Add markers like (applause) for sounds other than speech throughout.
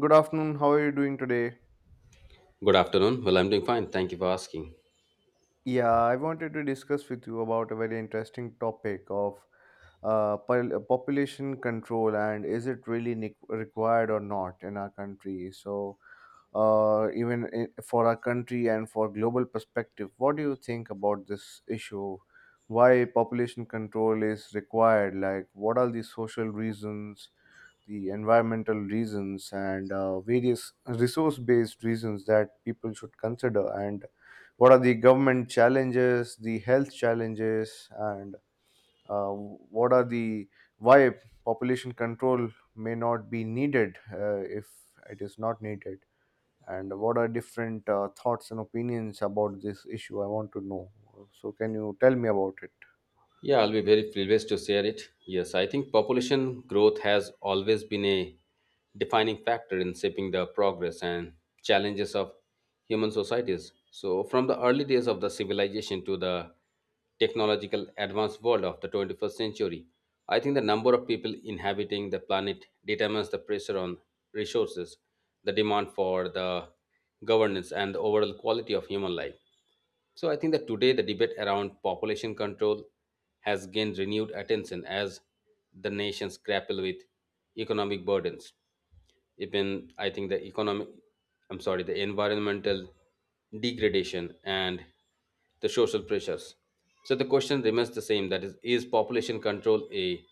Good afternoon. How are you doing today? Good afternoon. Well, I'm doing fine. Thank you for asking. Yeah, I wanted to discuss with you about a very interesting topic of population control and is it really required or not in our country? So, for our country and for global perspective, what do you think about this issue? Why population control is required? Like, what are the social reasons, the environmental reasons, and various resource-based reasons that people should consider, and what are the government challenges, the health challenges, and what are the why population control may not be needed, if it is not needed, and what are different thoughts and opinions about this issue? I want to know. So, can you tell me about it? Yeah, I'll be very privileged to share it. Yes, I think population growth has always been a defining factor in shaping the progress and challenges of human societies. So, from the early days of the civilization to the technological advanced world of the 21st century, I think the number of people inhabiting the planet determines the pressure on resources, the demand for the governance, and the overall quality of human life. So I think that today the debate around population control has gained renewed attention as the nations grapple with economic burdens. Even I think the economic, I'm sorry, the environmental degradation and the social pressures. So the question remains the same, that is population control a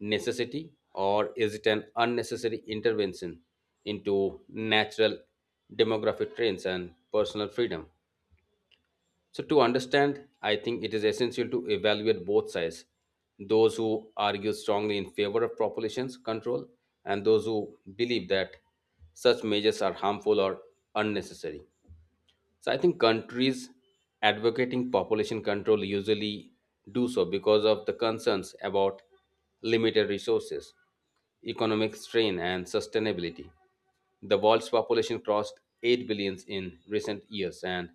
necessity or is it an unnecessary intervention into natural demographic trends and personal freedom? So, to understand, I think it is essential to evaluate both sides, those who argue strongly in favor of population control and those who believe that such measures are harmful or unnecessary. So, I think countries advocating population control usually do so because of the concerns about limited resources, economic strain, and sustainability. The world's population crossed 8 billion in recent years, and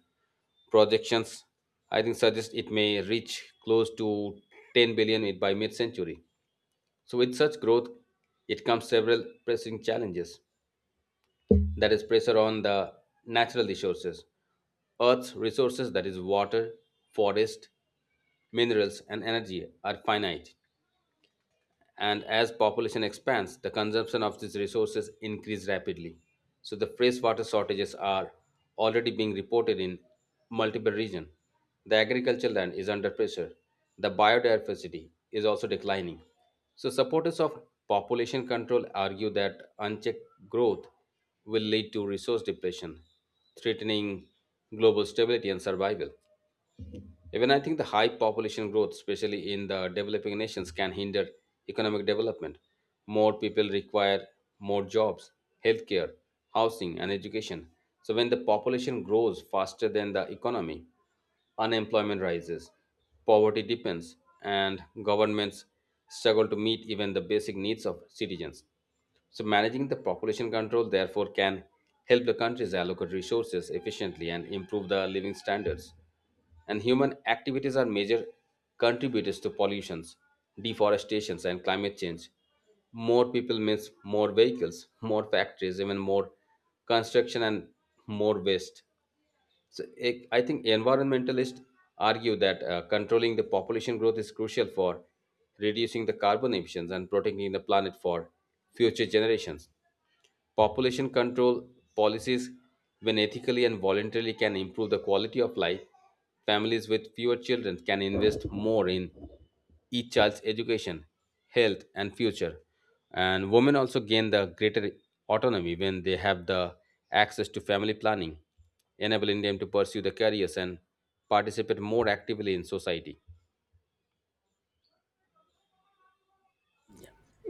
projections, I think, suggest it may reach close to 10 billion by mid century. So, with such growth, it comes several pressing challenges, that is, pressure on the natural resources, Earth's resources, that is, water, forest, minerals, and energy, are finite, and as population expands the consumption of these resources increase rapidly. So the freshwater shortages are already being reported in multiple regions, the agricultural land is under pressure, the biodiversity is also declining. So supporters of population control argue that unchecked growth will lead to resource depletion, threatening global stability and survival. Even I think the high population growth, especially in the developing nations, can hinder economic development. More people require more jobs, healthcare, housing, and education. So, when the population grows faster than the economy, unemployment rises, poverty deepens, and governments struggle to meet even the basic needs of citizens. So, managing the population control, therefore, can help the countries allocate resources efficiently and improve the living standards. And human activities are major contributors to pollutions, deforestations, and climate change. More people means more vehicles, more factories, even more construction, and more waste. So, I think environmentalists argue that controlling the population growth is crucial for reducing the carbon emissions and protecting the planet for future generations. Population control policies, when ethically and voluntarily, can improve the quality of life. Families with fewer children can invest more in each child's education, health, and future. And women also gain the greater autonomy when they have the access to family planning, enabling them to pursue their careers and participate more actively in society.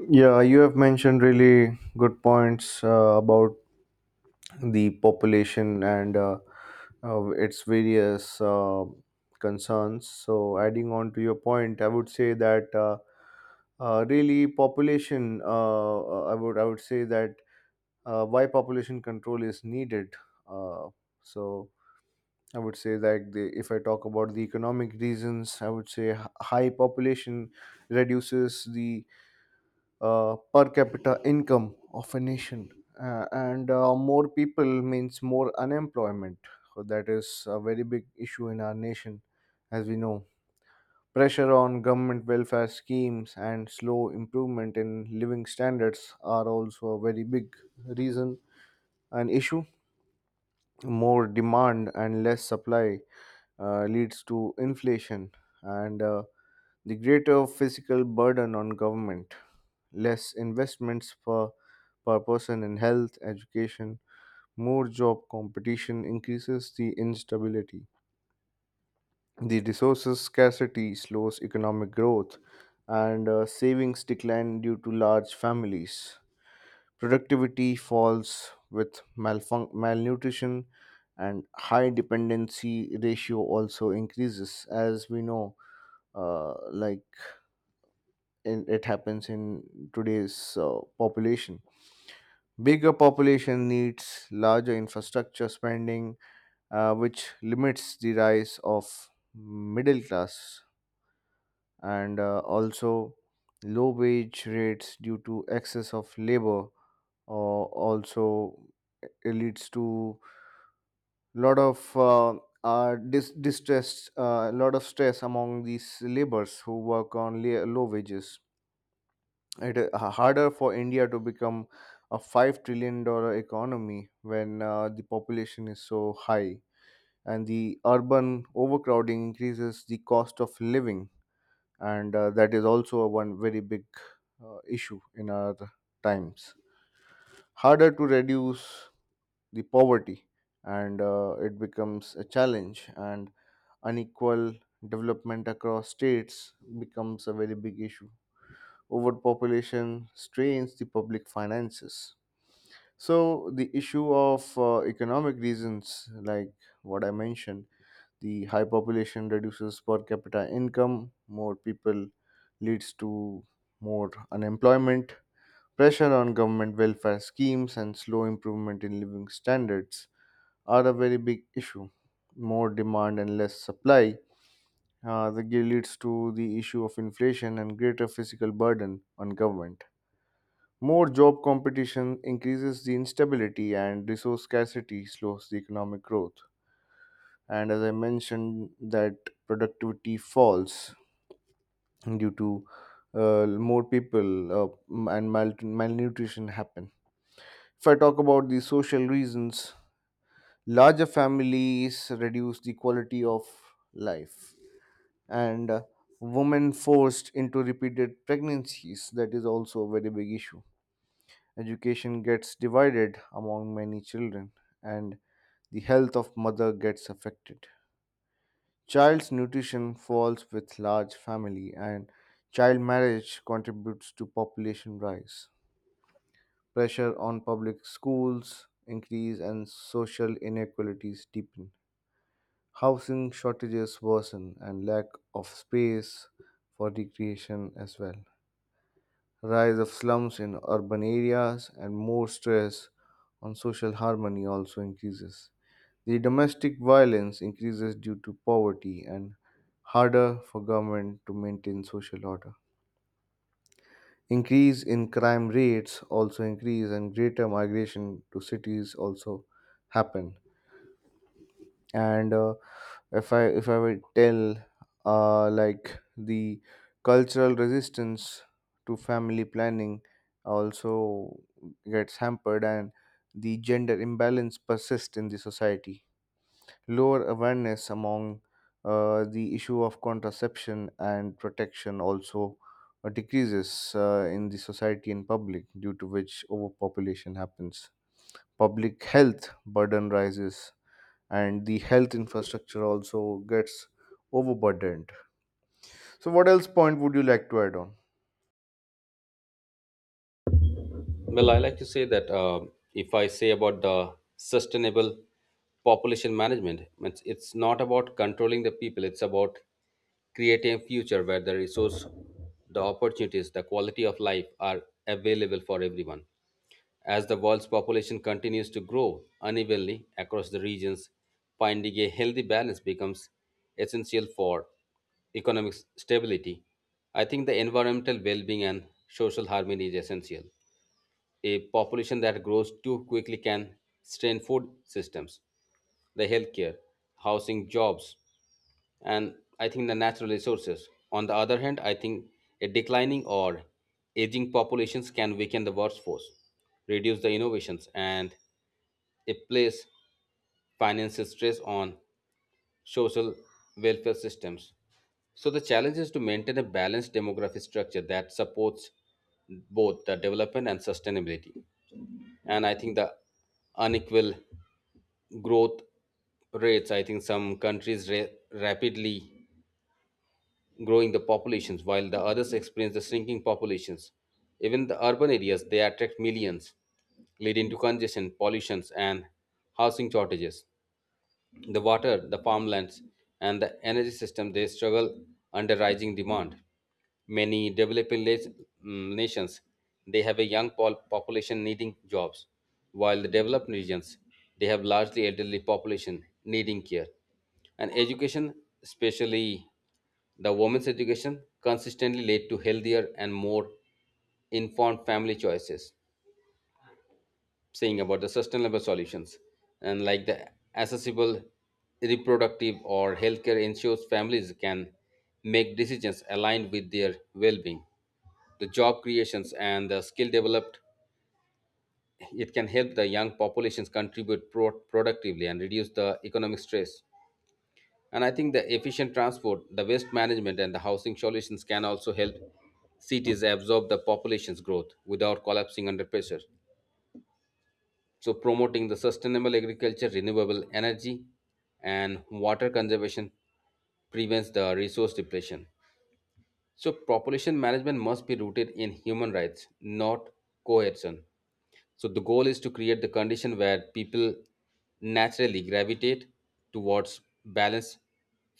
Yeah, you have mentioned really good points about the population and its various concerns. So, adding on to your point, I would say that really population. I would say that, why population control is needed. Uh, so. I would say that if I talk about the economic reasons, I would say high population reduces the per capita income of a nation. And More people means more unemployment. So that is a very big issue in our nation, as we know. Pressure on government welfare schemes and slow improvement in living standards are also a very big reason and issue. More demand and less supply leads to inflation, and the greater physical burden on government, less investments per person in health education, more job competition increases the instability, the resources scarcity slows economic growth, and savings decline due to large families. Productivity falls with malnutrition, and high dependency ratio also increases, as we know, uh, like in, it happens in today's population. Bigger population needs larger infrastructure spending, which limits the rise of middle class, and also low wage rates due to excess of labor, or also it leads to lot of distress, a lot of stress among these laborers who work on low wages. It is harder for India to become a 5 trillion dollar economy when the population is so high, and the urban overcrowding increases the cost of living, and that is also a one very big issue in our times. Harder to reduce the poverty, and it becomes a challenge, and unequal development across states becomes a very big issue. Overpopulation strains the public finances. So the issue of economic reasons, like what I mentioned: the high population reduces per capita income, more people leads to more unemployment, pressure on government welfare schemes, and slow improvement in living standards are a very big issue. More demand and less supply. Leads to the issue of inflation and greater physical burden on government. More job competition increases the instability, and resource scarcity slows the economic growth. And as I mentioned, that productivity falls due to more people, and malnutrition happen. If I talk about the social reasons, larger families reduce the quality of life, and women forced into repeated pregnancies, that is also a very big issue. Education gets divided among many children, and the health of mother gets affected. Child's nutrition falls with large family, and child marriage contributes to population rise. Pressure on public schools increase and social inequalities deepen. Housing shortages worsen and lack of space for recreation as well. Rise of slums in urban areas, and more stress on social harmony also increases. The domestic violence increases due to poverty, and harder for government to maintain social order. Increase in crime rates also increase, and greater migration to cities also happen. And if I would tell, like, the cultural resistance to family planning also gets hampered, and the gender imbalance persists in the society. Lower awareness among the issue of contraception and protection also decreases in the society and public, due to which overpopulation happens. Public health burden rises, and the health infrastructure also gets overburdened. So, what else point would you like to add on? Well, I like to say that if I say about the sustainable population management, it's not about controlling the people, it's about creating a future where the resource, the opportunities, the quality of life are available for everyone. As the world's population continues to grow unevenly across the regions, finding a healthy balance becomes essential for economic stability. I think the environmental well being and social harmony is essential. A population that grows too quickly can strain food systems, the healthcare, housing, jobs, and I think the natural resources. On the other hand, I think a declining or aging populations can weaken the workforce, reduce the innovations, and it place financial stress on social welfare systems. So the challenge is to maintain a balanced demographic structure that supports both the development and sustainability. And I think the unequal growth rates, I think some countries rapidly growing the populations while the others experience the shrinking populations. Even the urban areas, they attract millions, leading to congestion, pollutions, and housing shortages. The water, the farmlands, and the energy system they struggle under rising demand. Many developing nations they have a young population needing jobs, while the developed regions they have largely elderly population needing care. And education, especially the women's education, consistently led to healthier and more informed family choices, saying about the sustainable solutions, and like the accessible reproductive or healthcare ensures families can make decisions aligned with their well-being. The job creations and the skill developed, it can help the young populations contribute productively and reduce the economic stress. And I think the efficient transport, the waste management, and the housing solutions can also help cities absorb the population's growth without collapsing under pressure. So promoting the sustainable agriculture, renewable energy, and water conservation prevents the resource depletion. So population management must be rooted in human rights, not coercion. So the goal is to create the condition where people naturally gravitate towards balanced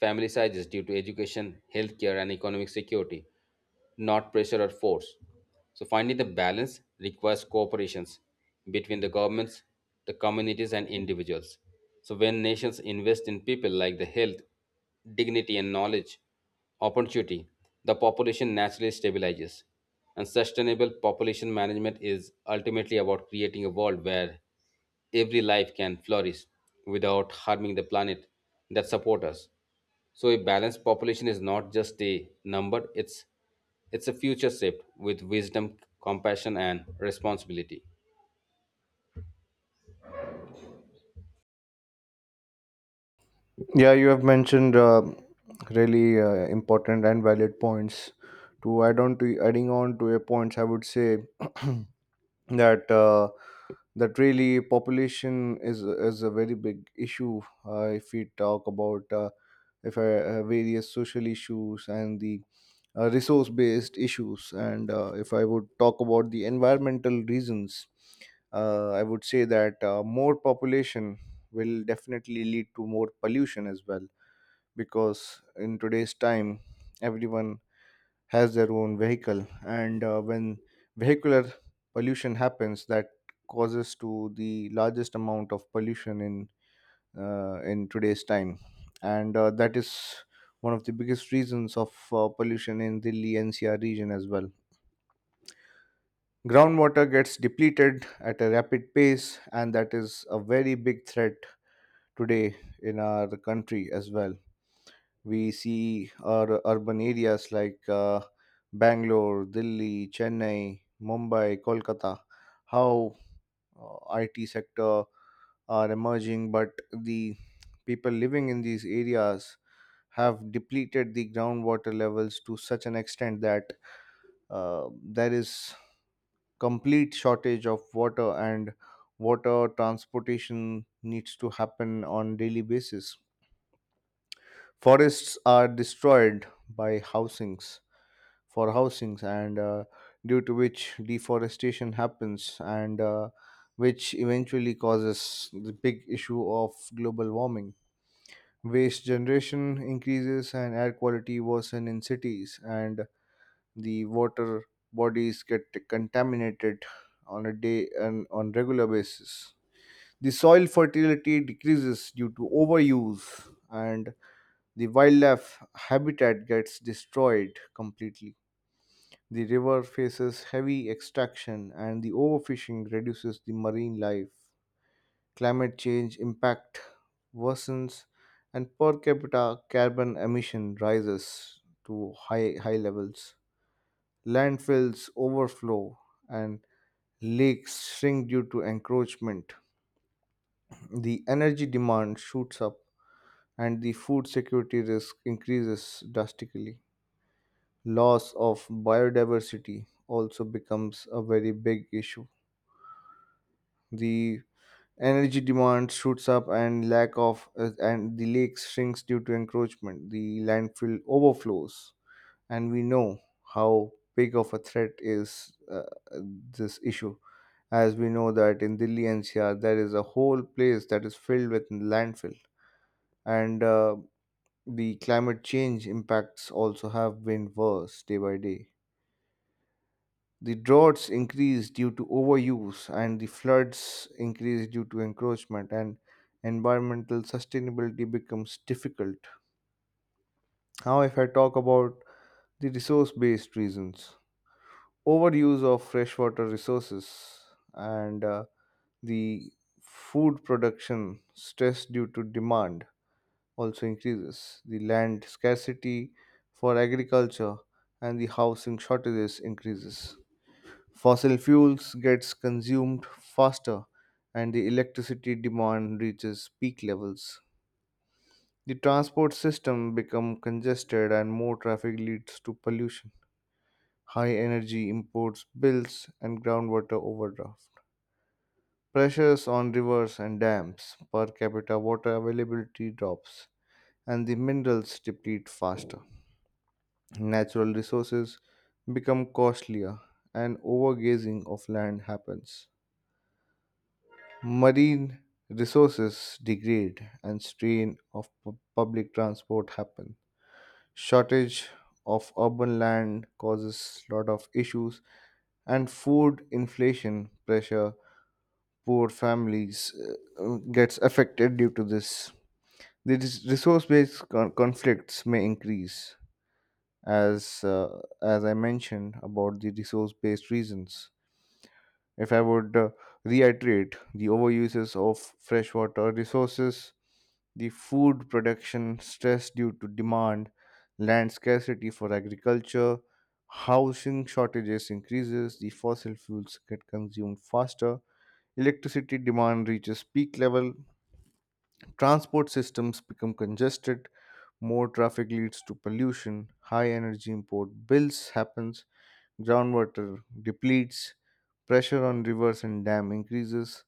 family sizes due to education, healthcare, and economic security, not pressure or force. So finally, the balance requires cooperations between the governments, the communities, and individuals. So when nations invest in people like the health, dignity, and knowledge, opportunity, the population naturally stabilizes. And sustainable population management is ultimately about creating a world where every life can flourish without harming the planet that support us. So a balanced population is not just a number, it's a future shaped with wisdom, compassion and responsibility. Yeah, you have mentioned really important and valid points. To add on to adding on to your points, I would say (clears throat) that. That really population is a very big issue. Uh, If we talk about if I, various social issues, and the resource based issues, and if I would talk about the environmental reasons, I would say that more population will definitely lead to more pollution as well, because in today's time everyone has their own vehicle, and when vehicular pollution happens, that causes to the largest amount of pollution in today's time. And that is one of the biggest reasons of pollution in Delhi NCR region as well. Groundwater gets depleted at a rapid pace, and that is a very big threat today in our country as well. We see our urban areas like Bangalore, Delhi, Chennai, Mumbai, Kolkata, how IT sector are emerging, but the people living in these areas have depleted the groundwater levels to such an extent that there is complete shortage of water, and water transportation needs to happen on daily basis. Forests are destroyed by housings for housings, and due to which deforestation happens, and which eventually causes the big issue of global warming. Waste generation increases and air quality worsen in cities, and the water bodies get contaminated on a day and on regular basis. The soil fertility decreases due to overuse, and the wildlife habitat gets destroyed completely. The river faces heavy extraction, and the overfishing reduces the marine life. Climate change impact worsens, and per capita carbon emission rises to high, high levels. Landfills overflow and lakes shrink due to encroachment. The energy demand shoots up, and the food security risk increases drastically. Loss of biodiversity also becomes a very big issue. The energy demand shoots up, and lack of and the lake shrinks due to encroachment, the landfill overflows, and we know how big of a threat is this issue. As we know that in Delhi NCR there is a whole place that is filled with landfill, and the climate change impacts also have been worse day by day. The droughts increase due to overuse, and the floods increase due to encroachment, and environmental sustainability becomes difficult. Now, if I talk about the resource based reasons, overuse of freshwater resources and the food production stress due to demand also increases. The land scarcity for agriculture and the housing shortages increases. Fossil fuels gets consumed faster, and the electricity demand reaches peak levels. The transport system become congested, and more traffic leads to pollution, high energy imports bills and groundwater overdraft. Pressures on rivers and dams, per capita water availability drops, and the minerals deplete faster. Natural resources become costlier, and overgazing of land happens. Marine resources degrade, and strain of public transport happen. Shortage of urban land causes lot of issues, and food inflation pressure poor families gets affected due to this. These conflicts may increase, as I mentioned about the resource-based reasons. If I would reiterate: the overuses of freshwater resources, the food production stress due to demand, land scarcity for agriculture, housing shortages increases, the fossil fuels get consumed faster, electricity demand reaches peak level, transport systems become congested, more traffic leads to pollution, high energy import bills happens, groundwater depletes, pressure on rivers and dam increases,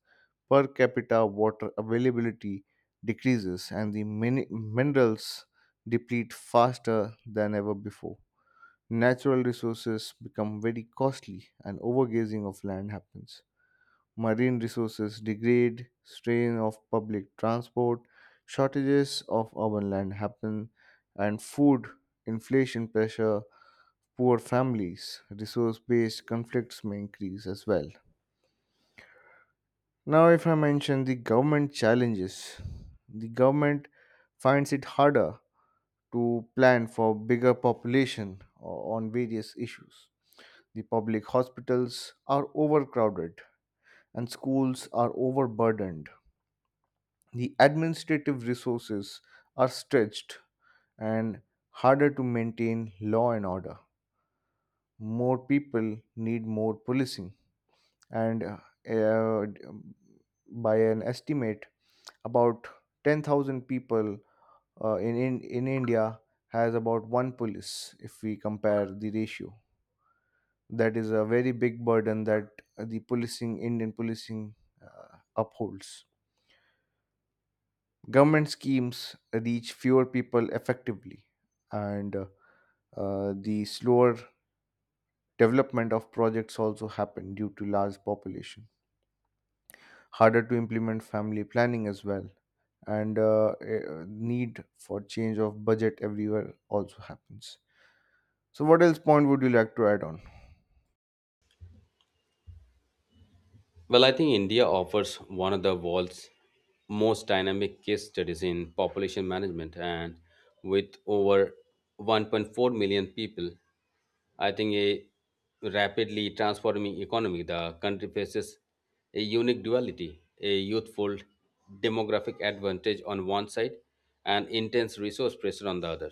per capita water availability decreases, and the minerals deplete faster than ever before. Natural resources become very costly, and overgazing of land happens. Marine resources degrade, strain of public transport, shortages of urban land happen, and food inflation pressure poor families. Resource based conflicts may increase as well. Now, if I mention the government challenges, the government finds it harder to plan for bigger population on various issues. The public hospitals are overcrowded and schools are overburdened. The administrative resources are stretched, and harder to maintain law and order. More people need more policing, and by an estimate, about 10,000 people in India has about one police if we compare the ratio. That is a very big burden that the policing indian policing upholds. Government schemes reach fewer people effectively, and the slower development of projects also happen due to large population. Harder to implement family planning as well, and a need for change of budget everywhere also happens. So what else point would you like to add on? Well, I think India offers one of the world's most dynamic case studies in population management, and with over 1.4 million people, I think a rapidly transforming economy, the country faces a unique duality, a youthful demographic advantage on one side and intense resource pressure on the other.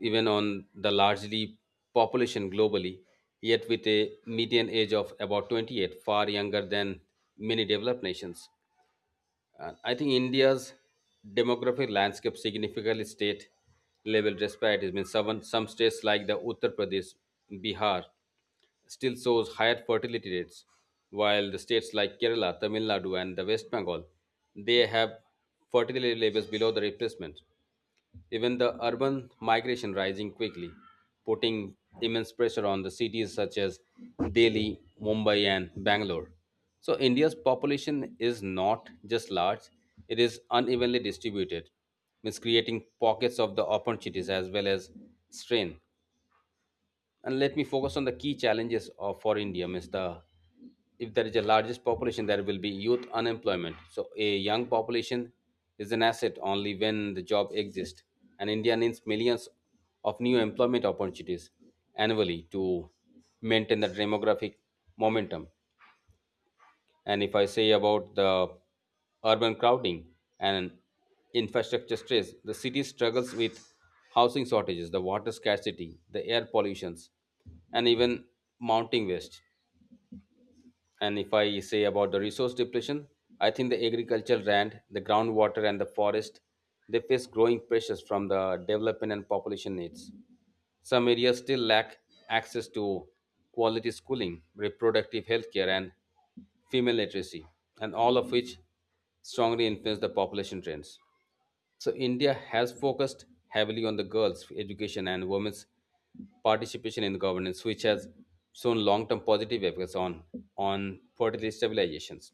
Even on the largely population globally, yet with a median age of about 28, far younger than many developed nations. And I think India's demographic landscape significantly state level disparities. It means some states like the Uttar Pradesh, Bihar, still shows higher fertility rates, while the states like Kerala, Tamil Nadu, and the West Bengal, they have fertility levels below the replacement. Even the urban migration rising quickly, putting immense pressure on the cities such as Delhi, Mumbai, and Bangalore. So India's population is not just large, it is unevenly distributed, means creating pockets of the opportunities as well as strain. And let me focus on the key challenges of, for India, means the if there is a largest population there will be youth unemployment. So a young population is an asset only when the job exists, and India needs millions of new employment opportunities annually to maintain the demographic momentum. And if I say about the urban crowding and infrastructure stress, the city struggles with housing shortages, the water scarcity, the air pollutions, and even mounting waste. And if I say about the resource depletion, I think the agricultural land, the groundwater, and the forest, they face growing pressures from the development and population needs. Some areas still lack access to quality schooling, reproductive health care, and female literacy, and all of which strongly influence the population trends. So, India has focused heavily on the girls' education and women's participation in governance, which has shown long term positive effects on fertility stabilizations.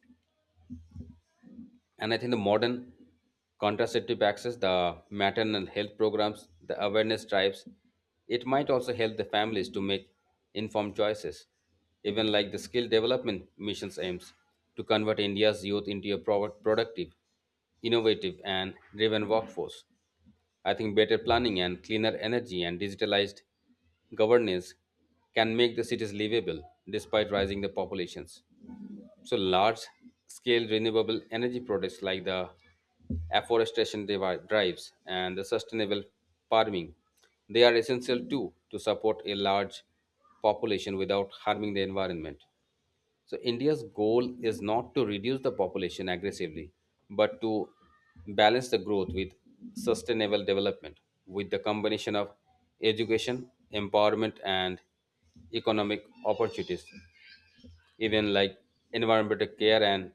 And I think the modern contraceptive access, the maternal health programs, the awareness drives, it might also help the families to make informed choices. Even like the skill development missions aims to convert India's youth into a productive, innovative and driven workforce. I think better planning and cleaner energy and digitalized governance can make the cities livable despite rising the populations. So large scale renewable energy projects like the afforestation drives and the sustainable farming, they are essential too to support a large population without harming the environment. So India's goal is not to reduce the population aggressively, but to balance the growth with sustainable development, with the combination of education, empowerment and economic opportunities, even like environmental care and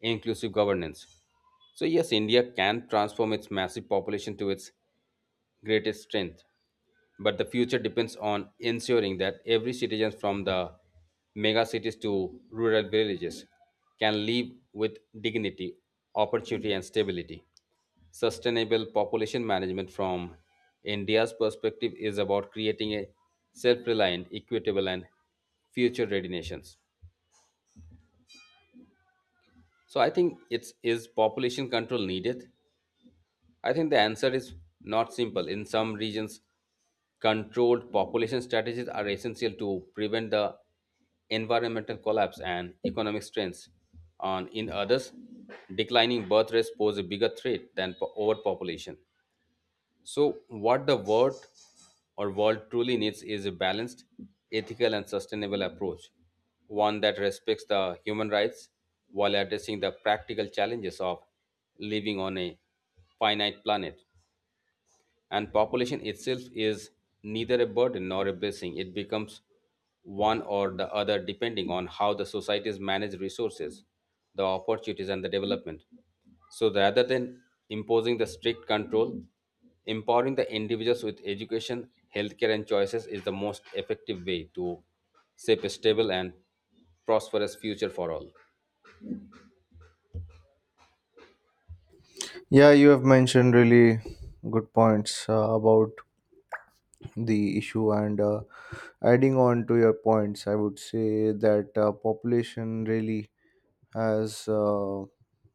inclusive governance. So yes, India can transform its massive population to its greatest strength, but the future depends on ensuring that every citizen from the mega cities to rural villages can live with dignity, opportunity, and stability. Sustainable population management from India's perspective is about creating a self reliant, equitable, and future ready nations. So I think, it's is population control needed? I think the answer is not simple. In some regions, controlled population strategies are essential to prevent the environmental collapse and economic strains on in others. Declining birth rates pose a bigger threat than overpopulation. So, what the world or world truly needs is a balanced, ethical, and sustainable approach, one that respects the human rights while addressing the practical challenges of living on a finite planet. And population itself is neither a burden nor a blessing. It becomes one or the other depending on how the societies manage resources, the opportunities, and the development. So rather than imposing the strict control, empowering the individuals with education, healthcare, and choices is the most effective way to shape a stable and prosperous future for all. Yeah, you have mentioned really good points about the issue, and adding on to your points I would say that population really has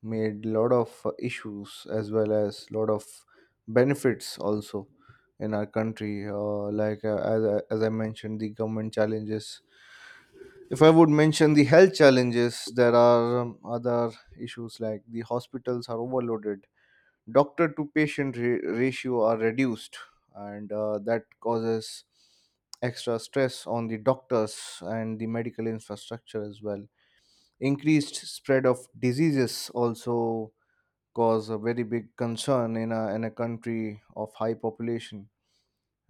made lot of issues as well as lot of benefits also in our country, like as I mentioned the government challenges. If I would mention the health challenges, there are other issues like the hospitals are overloaded, doctor to patient ratio are reduced, and that causes extra stress on the doctors and the medical infrastructure as well. Increased spread of diseases also cause a very big concern in a country of high population.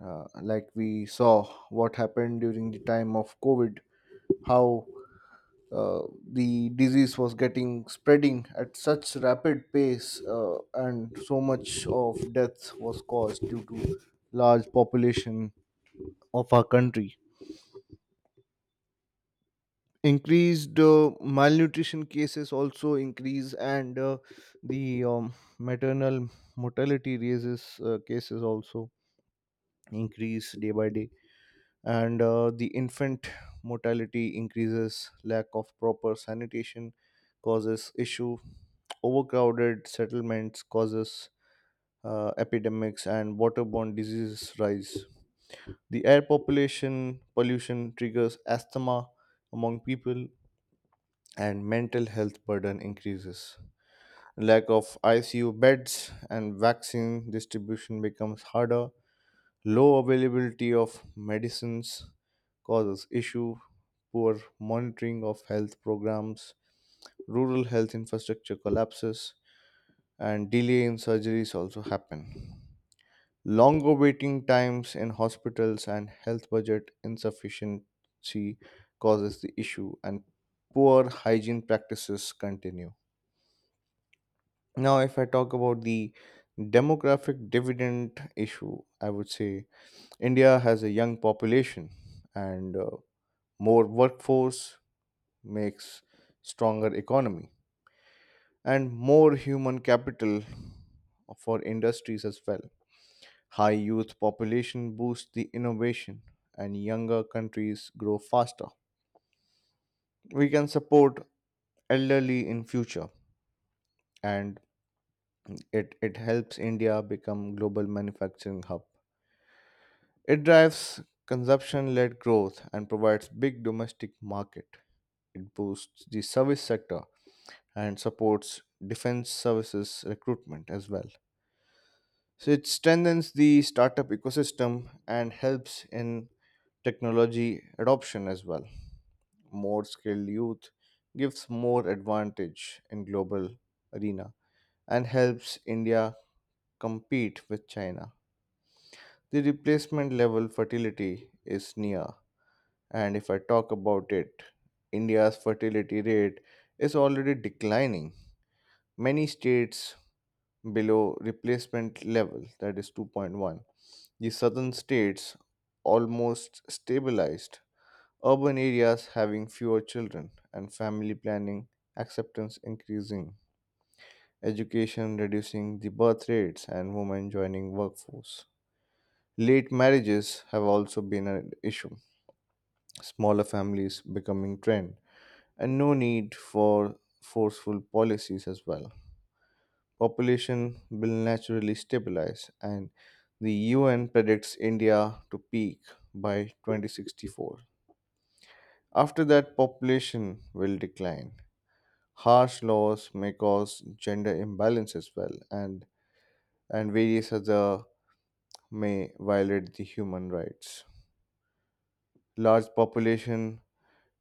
Like we saw what happened during the time of COVID, how uh, the disease was getting spreading at such rapid pace, and so much of death was caused due to large population of our country. Increased malnutrition cases also increase, and the maternal mortality raises cases also increase day by day, and the infant mortality increases. Lack of proper sanitation causes issue. Overcrowded settlements causes epidemics and waterborne diseases rise. The air population pollution triggers asthma among people and mental health burden increases. Lack of ICU beds and vaccine distribution becomes harder. Low availability of medicines causes issue, poor monitoring of health programs, rural health infrastructure collapses, and delay in surgeries also happen. Longer waiting times in hospitals and health budget insufficiency causes the issue, and poor hygiene practices continue. Now, if I talk about the demographic dividend issue, I would say India has a young population, and more workforce makes stronger economy and more human capital for industries as well. High youth population boosts the innovation, and younger countries grow faster. We can support elderly in future, and it helps India become global manufacturing hub. It drives consumption-led growth and provides big domestic market. It boosts the service sector and supports defense services recruitment as well. So it strengthens the startup ecosystem and helps in technology adoption as well. More skilled youth gives more advantage in global arena and helps India compete with China. The replacement level fertility is near, and if I talk about it, India's fertility rate is already declining, many states below replacement level, that is 2.1. The southern states almost stabilized, urban areas having fewer children, and family planning acceptance increasing, education reducing the birth rates, and women joining workforce. Late marriages have also been an issue, smaller families becoming trend, and no need for forceful policies as well. Population will naturally stabilize, and the UN predicts India to peak by 2064. After that, population will decline. Harsh laws may cause gender imbalance as well, and various other may violate the human rights. Large population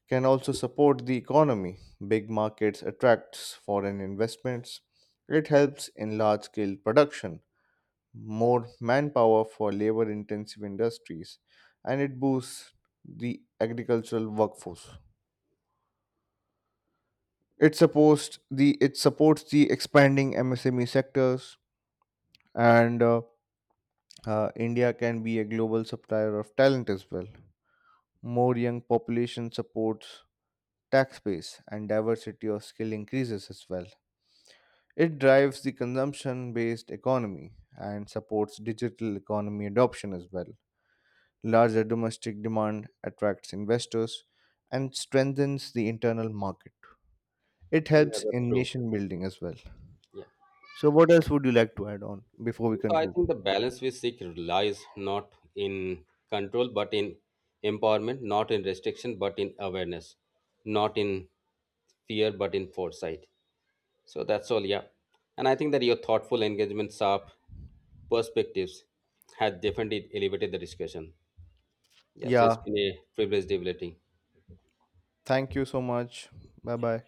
can also support the economy. Big markets attracts foreign investments. It helps in large scale production, more manpower for labor intensive industries, and it boosts the agricultural workforce. It supports the expanding msme sectors, and india can be a global supplier of talent as well. More young population supports tax base and diversity of skill increases as well. It drives the consumption based economy and supports digital economy adoption as well. Larger domestic demand attracts investors and strengthens the internal market. It Yeah, helps that's in true. nation building as well. Yeah. So, what else would you like to add on before we So I conclude? think the balance we seek lies not in control but in empowerment, not in restriction but in awareness, not in fear but in foresight. So that's all, yeah. And I think that your thoughtful engagement, sharp perspectives had definitely elevated the discussion. Yeah, so it's Yeah, been a privilege debating. thank you so much. Bye bye.